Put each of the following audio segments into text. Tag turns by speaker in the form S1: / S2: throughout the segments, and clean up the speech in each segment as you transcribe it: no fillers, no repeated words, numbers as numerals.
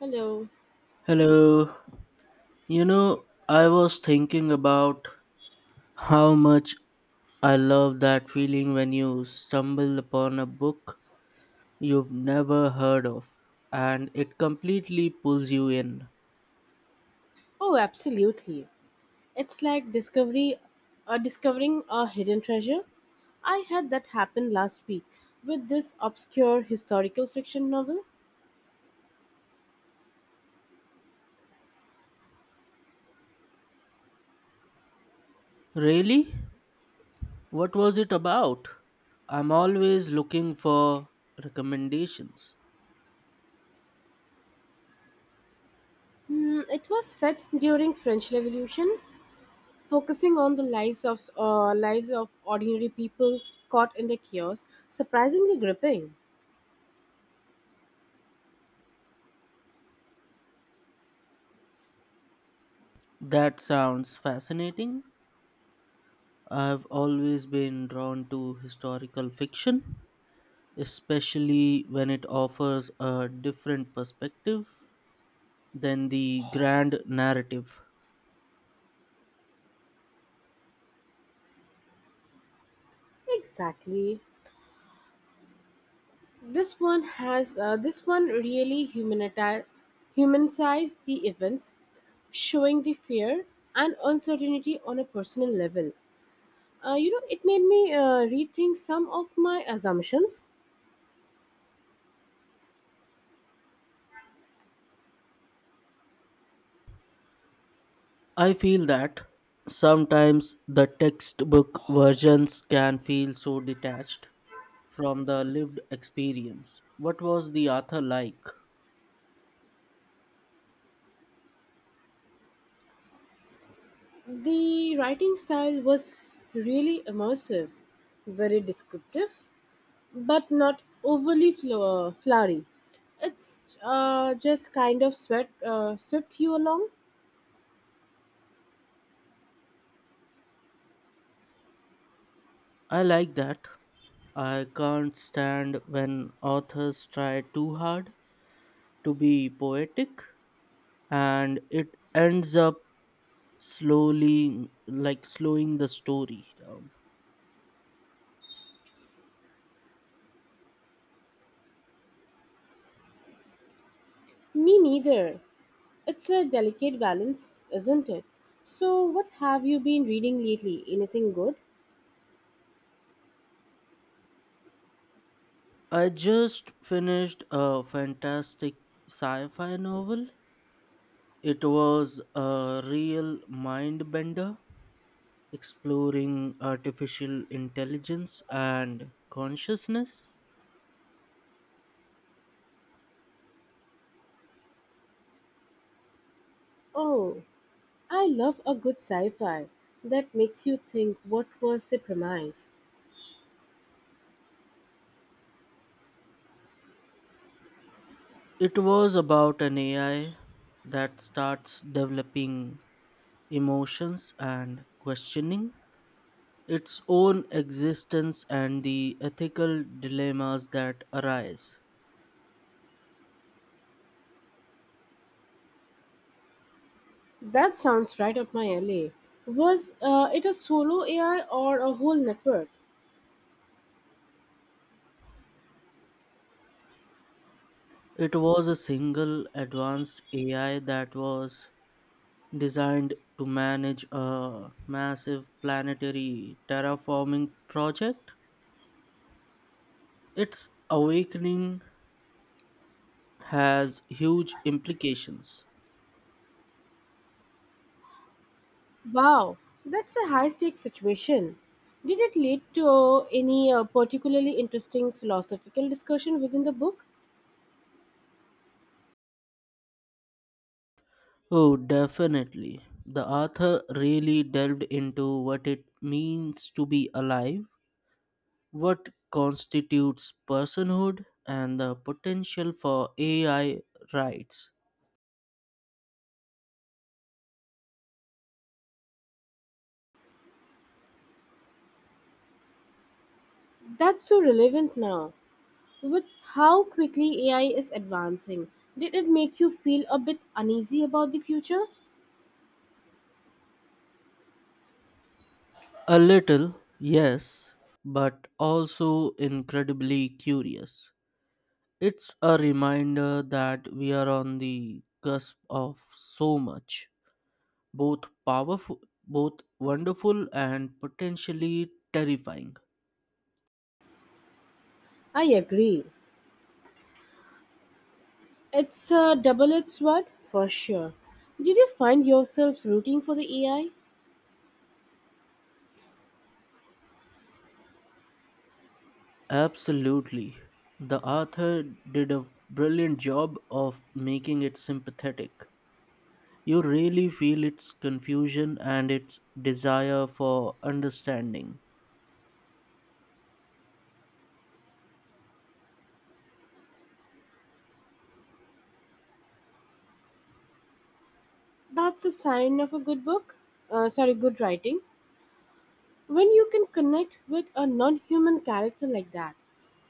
S1: Hello.
S2: Hello. You know, I was thinking about how much I love that feeling when you stumble upon a book you've never heard of and it completely pulls you in.
S1: Oh, absolutely. It's like discovery discovering a hidden treasure. I had that happen last week with this obscure historical fiction novel.
S2: Really? What was it about? I'm always looking for recommendations.
S1: Hmm, it was set during French Revolution, focusing on the lives of ordinary people caught in the chaos. Surprisingly gripping.
S2: That sounds fascinating. I've always been drawn to historical fiction, especially when it offers a different perspective than the grand narrative.
S1: Exactly. This one really humanized the events, showing the fear and uncertainty on a personal level. It made me rethink some of my assumptions.
S2: I feel that sometimes the textbook versions can feel so detached from the lived experience. What was the author like?
S1: The writing style was really immersive, very descriptive, but not flowery. It's just kind of sweat swept you along.
S2: I like that. I can't stand when authors try too hard to be poetic and it ends up slowly, like slowing the story down.
S1: Me neither. It's a delicate balance, isn't it? So, what have you been reading lately? Anything good?
S2: I just finished a fantastic sci fi novel. It was a real mind bender, exploring artificial intelligence and consciousness.
S1: Oh, I love a good sci fi that makes you think, what was the premise.
S2: It was about an AI that starts developing emotions and questioning its own existence and the ethical dilemmas that arise.
S1: That sounds right up my alley. Was it a solo AI or a whole network?
S2: It was a single advanced AI that was designed to manage a massive planetary terraforming project. Its awakening has huge implications.
S1: Wow, that's a high stakes situation. Did it lead to any particularly interesting philosophical discussion within the book?
S2: Oh, definitely. The author really delved into what it means to be alive, what constitutes personhood, and the potential for AI rights.
S1: That's so relevant now. With how quickly AI is advancing, did it make you feel a bit uneasy about the future?
S2: A little, yes, but also incredibly curious. It's a reminder that we are on the cusp of so much, both powerful, both wonderful, and potentially terrifying.
S1: I agree. It's a double edged sword for sure. Did you find yourself rooting for the AI?
S2: Absolutely. The author did a brilliant job of making it sympathetic. You really feel its confusion and its desire for understanding.
S1: That's a sign of a good book. Sorry, good writing. When you can connect with a non human character like that,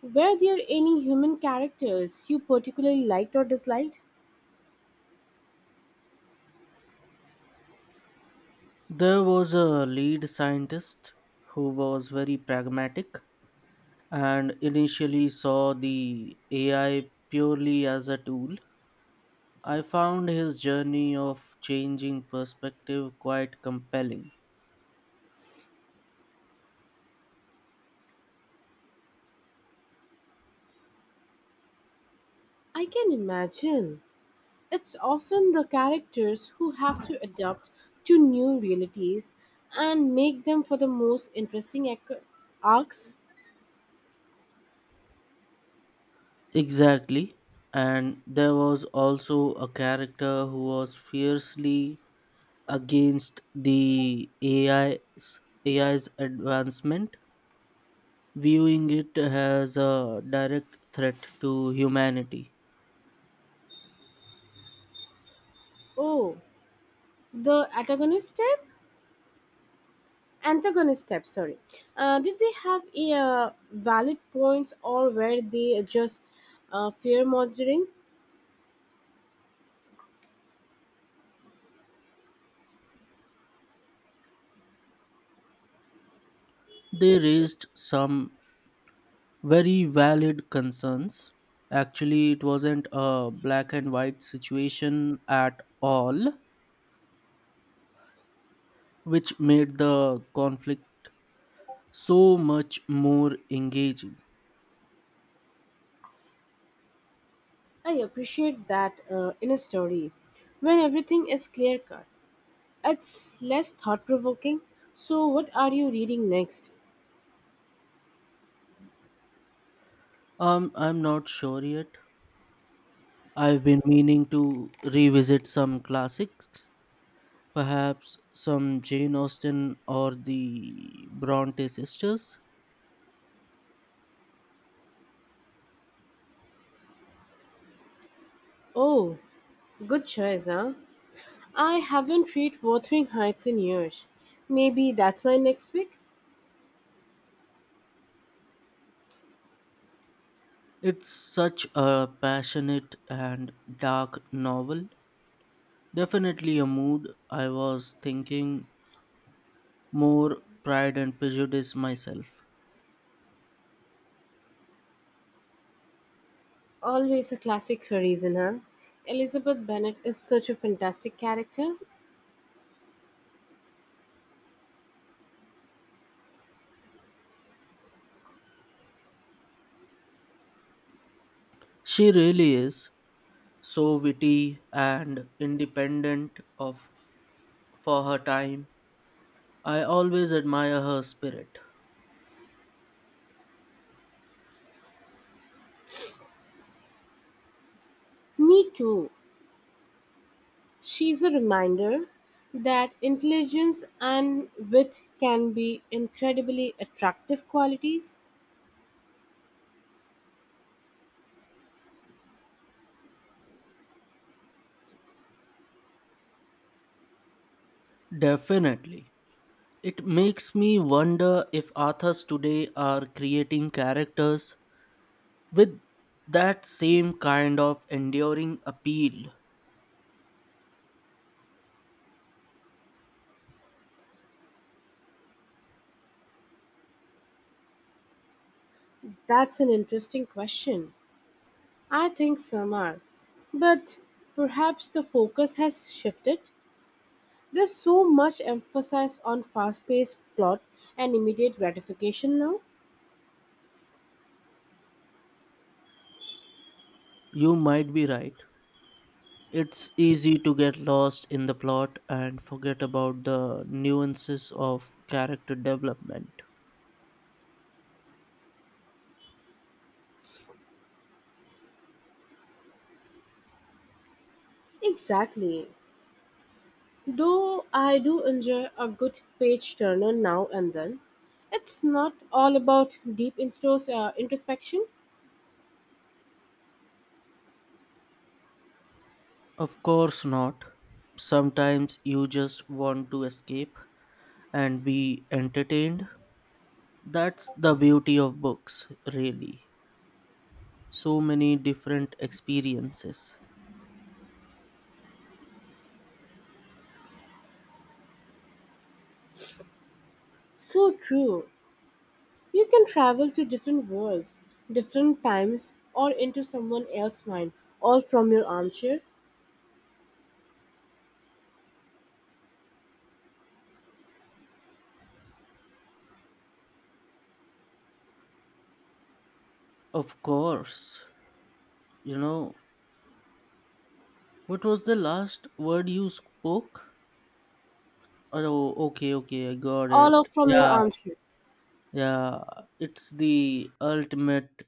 S1: were there any human characters you particularly liked or disliked?
S2: There was a lead scientist who was very pragmatic and initially saw the AI purely as a tool. I found his journey of changing perspective quite compelling.
S1: I can imagine. It's often the characters who have to adapt to new realities and make them for the most arcs.
S2: Exactly. And there was also a character who was fiercely against the AI's advancement, viewing it as a direct threat to humanity.
S1: Oh, the antagonist step? Antagonist step, sorry. Did they have valid points or were they just fear mongering?
S2: They raised some very valid concerns. Actually, it wasn't a black and white situation at all, which made the conflict so much more engaging.
S1: I appreciate that in a story when everything is clear cut. It's less thought provoking. So, what are you reading next?
S2: I'm not sure yet. I've been meaning to revisit some classics, perhaps some Jane Austen or the Bronte sisters.
S1: Oh, good choice, huh? I haven't read Wuthering Heights in years. Maybe that's my next pick.
S2: It's such a passionate and dark novel. Definitely a mood. I was thinking more Pride and Prejudice myself.
S1: Always a classic for a reason, huh? Elizabeth Bennet is such a fantastic character.
S2: She really is so witty and independent of for her time. I always admire her spirit.
S1: Me too. She's a reminder that intelligence and wit can be incredibly attractive qualities.
S2: Definitely. It makes me wonder if authors today are creating characters with that same kind of enduring appeal.
S1: That's an interesting question. I think some are. But perhaps the focus has shifted. There's so much emphasis on fast paced plot and immediate gratification now.
S2: You might be right. It's easy to get lost in the plot and forget about the nuances of character development.
S1: Exactly. Though I do enjoy a good page turner now and then, it's not all about introspection.
S2: Of course not. Sometimes you just want to escape and be entertained. That's the beauty of books, really. So many different experiences.
S1: So true. You can travel to different worlds, different times, or into someone else's mind, all from your armchair,
S2: Of course. You know, what was the last word you spoke? Oh, okay, okay, I got
S1: all
S2: it.
S1: of from your
S2: Yeah.
S1: armchair.
S2: Yeah, it's the ultimate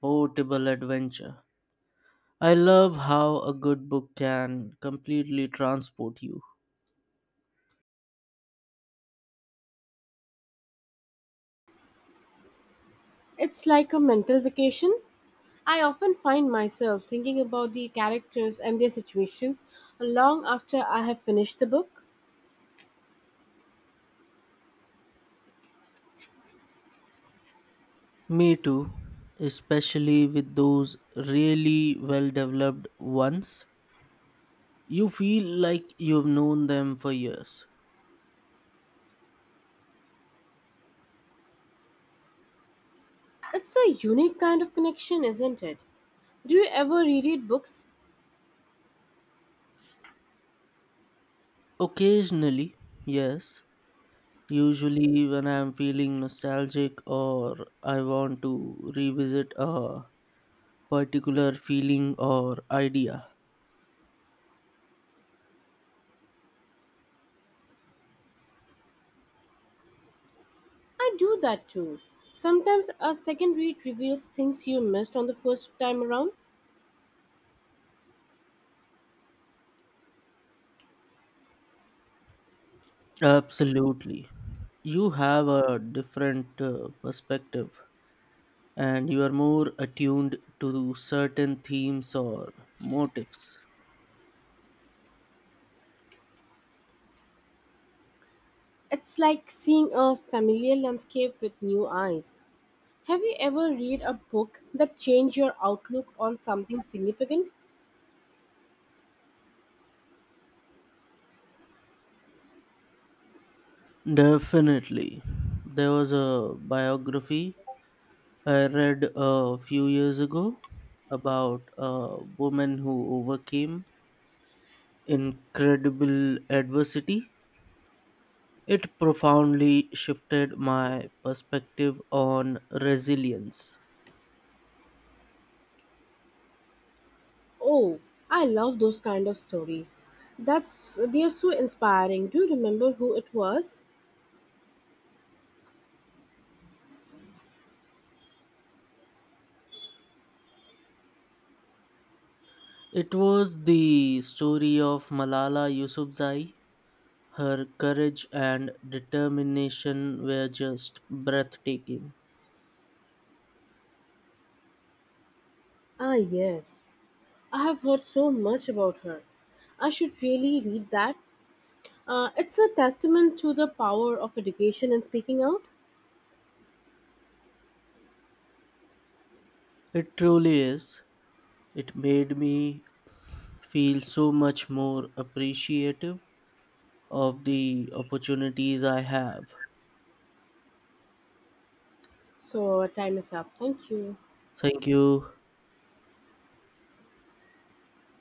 S2: portable adventure. I love how a good book can completely transport you.
S1: It's like a mental vacation. I often find myself thinking about the characters and their situations long after I have finished the book.
S2: Me too, especially with those really well developed ones. You feel like you've known them for years.
S1: It's a unique kind of connection, isn't it? Do you ever reread books?
S2: Occasionally, yes. Usually, when I'm feeling nostalgic or I want to revisit a particular feeling or idea.
S1: I do that too. Sometimes a second read reveals things you missed on the first time around.
S2: Absolutely. You have a different perspective and you are more attuned to certain themes or motifs.
S1: It's like seeing a familiar landscape with new eyes. Have you ever read a book that changed your outlook on something significant?
S2: Definitely. There was a biography I read a few years ago about a woman who overcame incredible adversity. It profoundly shifted my perspective on resilience.
S1: Oh, I love those kind of stories. That's they're so inspiring. Do you remember who it was?
S2: It was the story of Malala Yousafzai. Her courage and determination were just breathtaking.
S1: Ah, yes. I have heard so much about her. I should really read that. It's a testament to the power of education and speaking out.
S2: It truly is. It made me feel so much more appreciative of the opportunities I have.
S1: So, our time is up. Thank you.
S2: Thank you.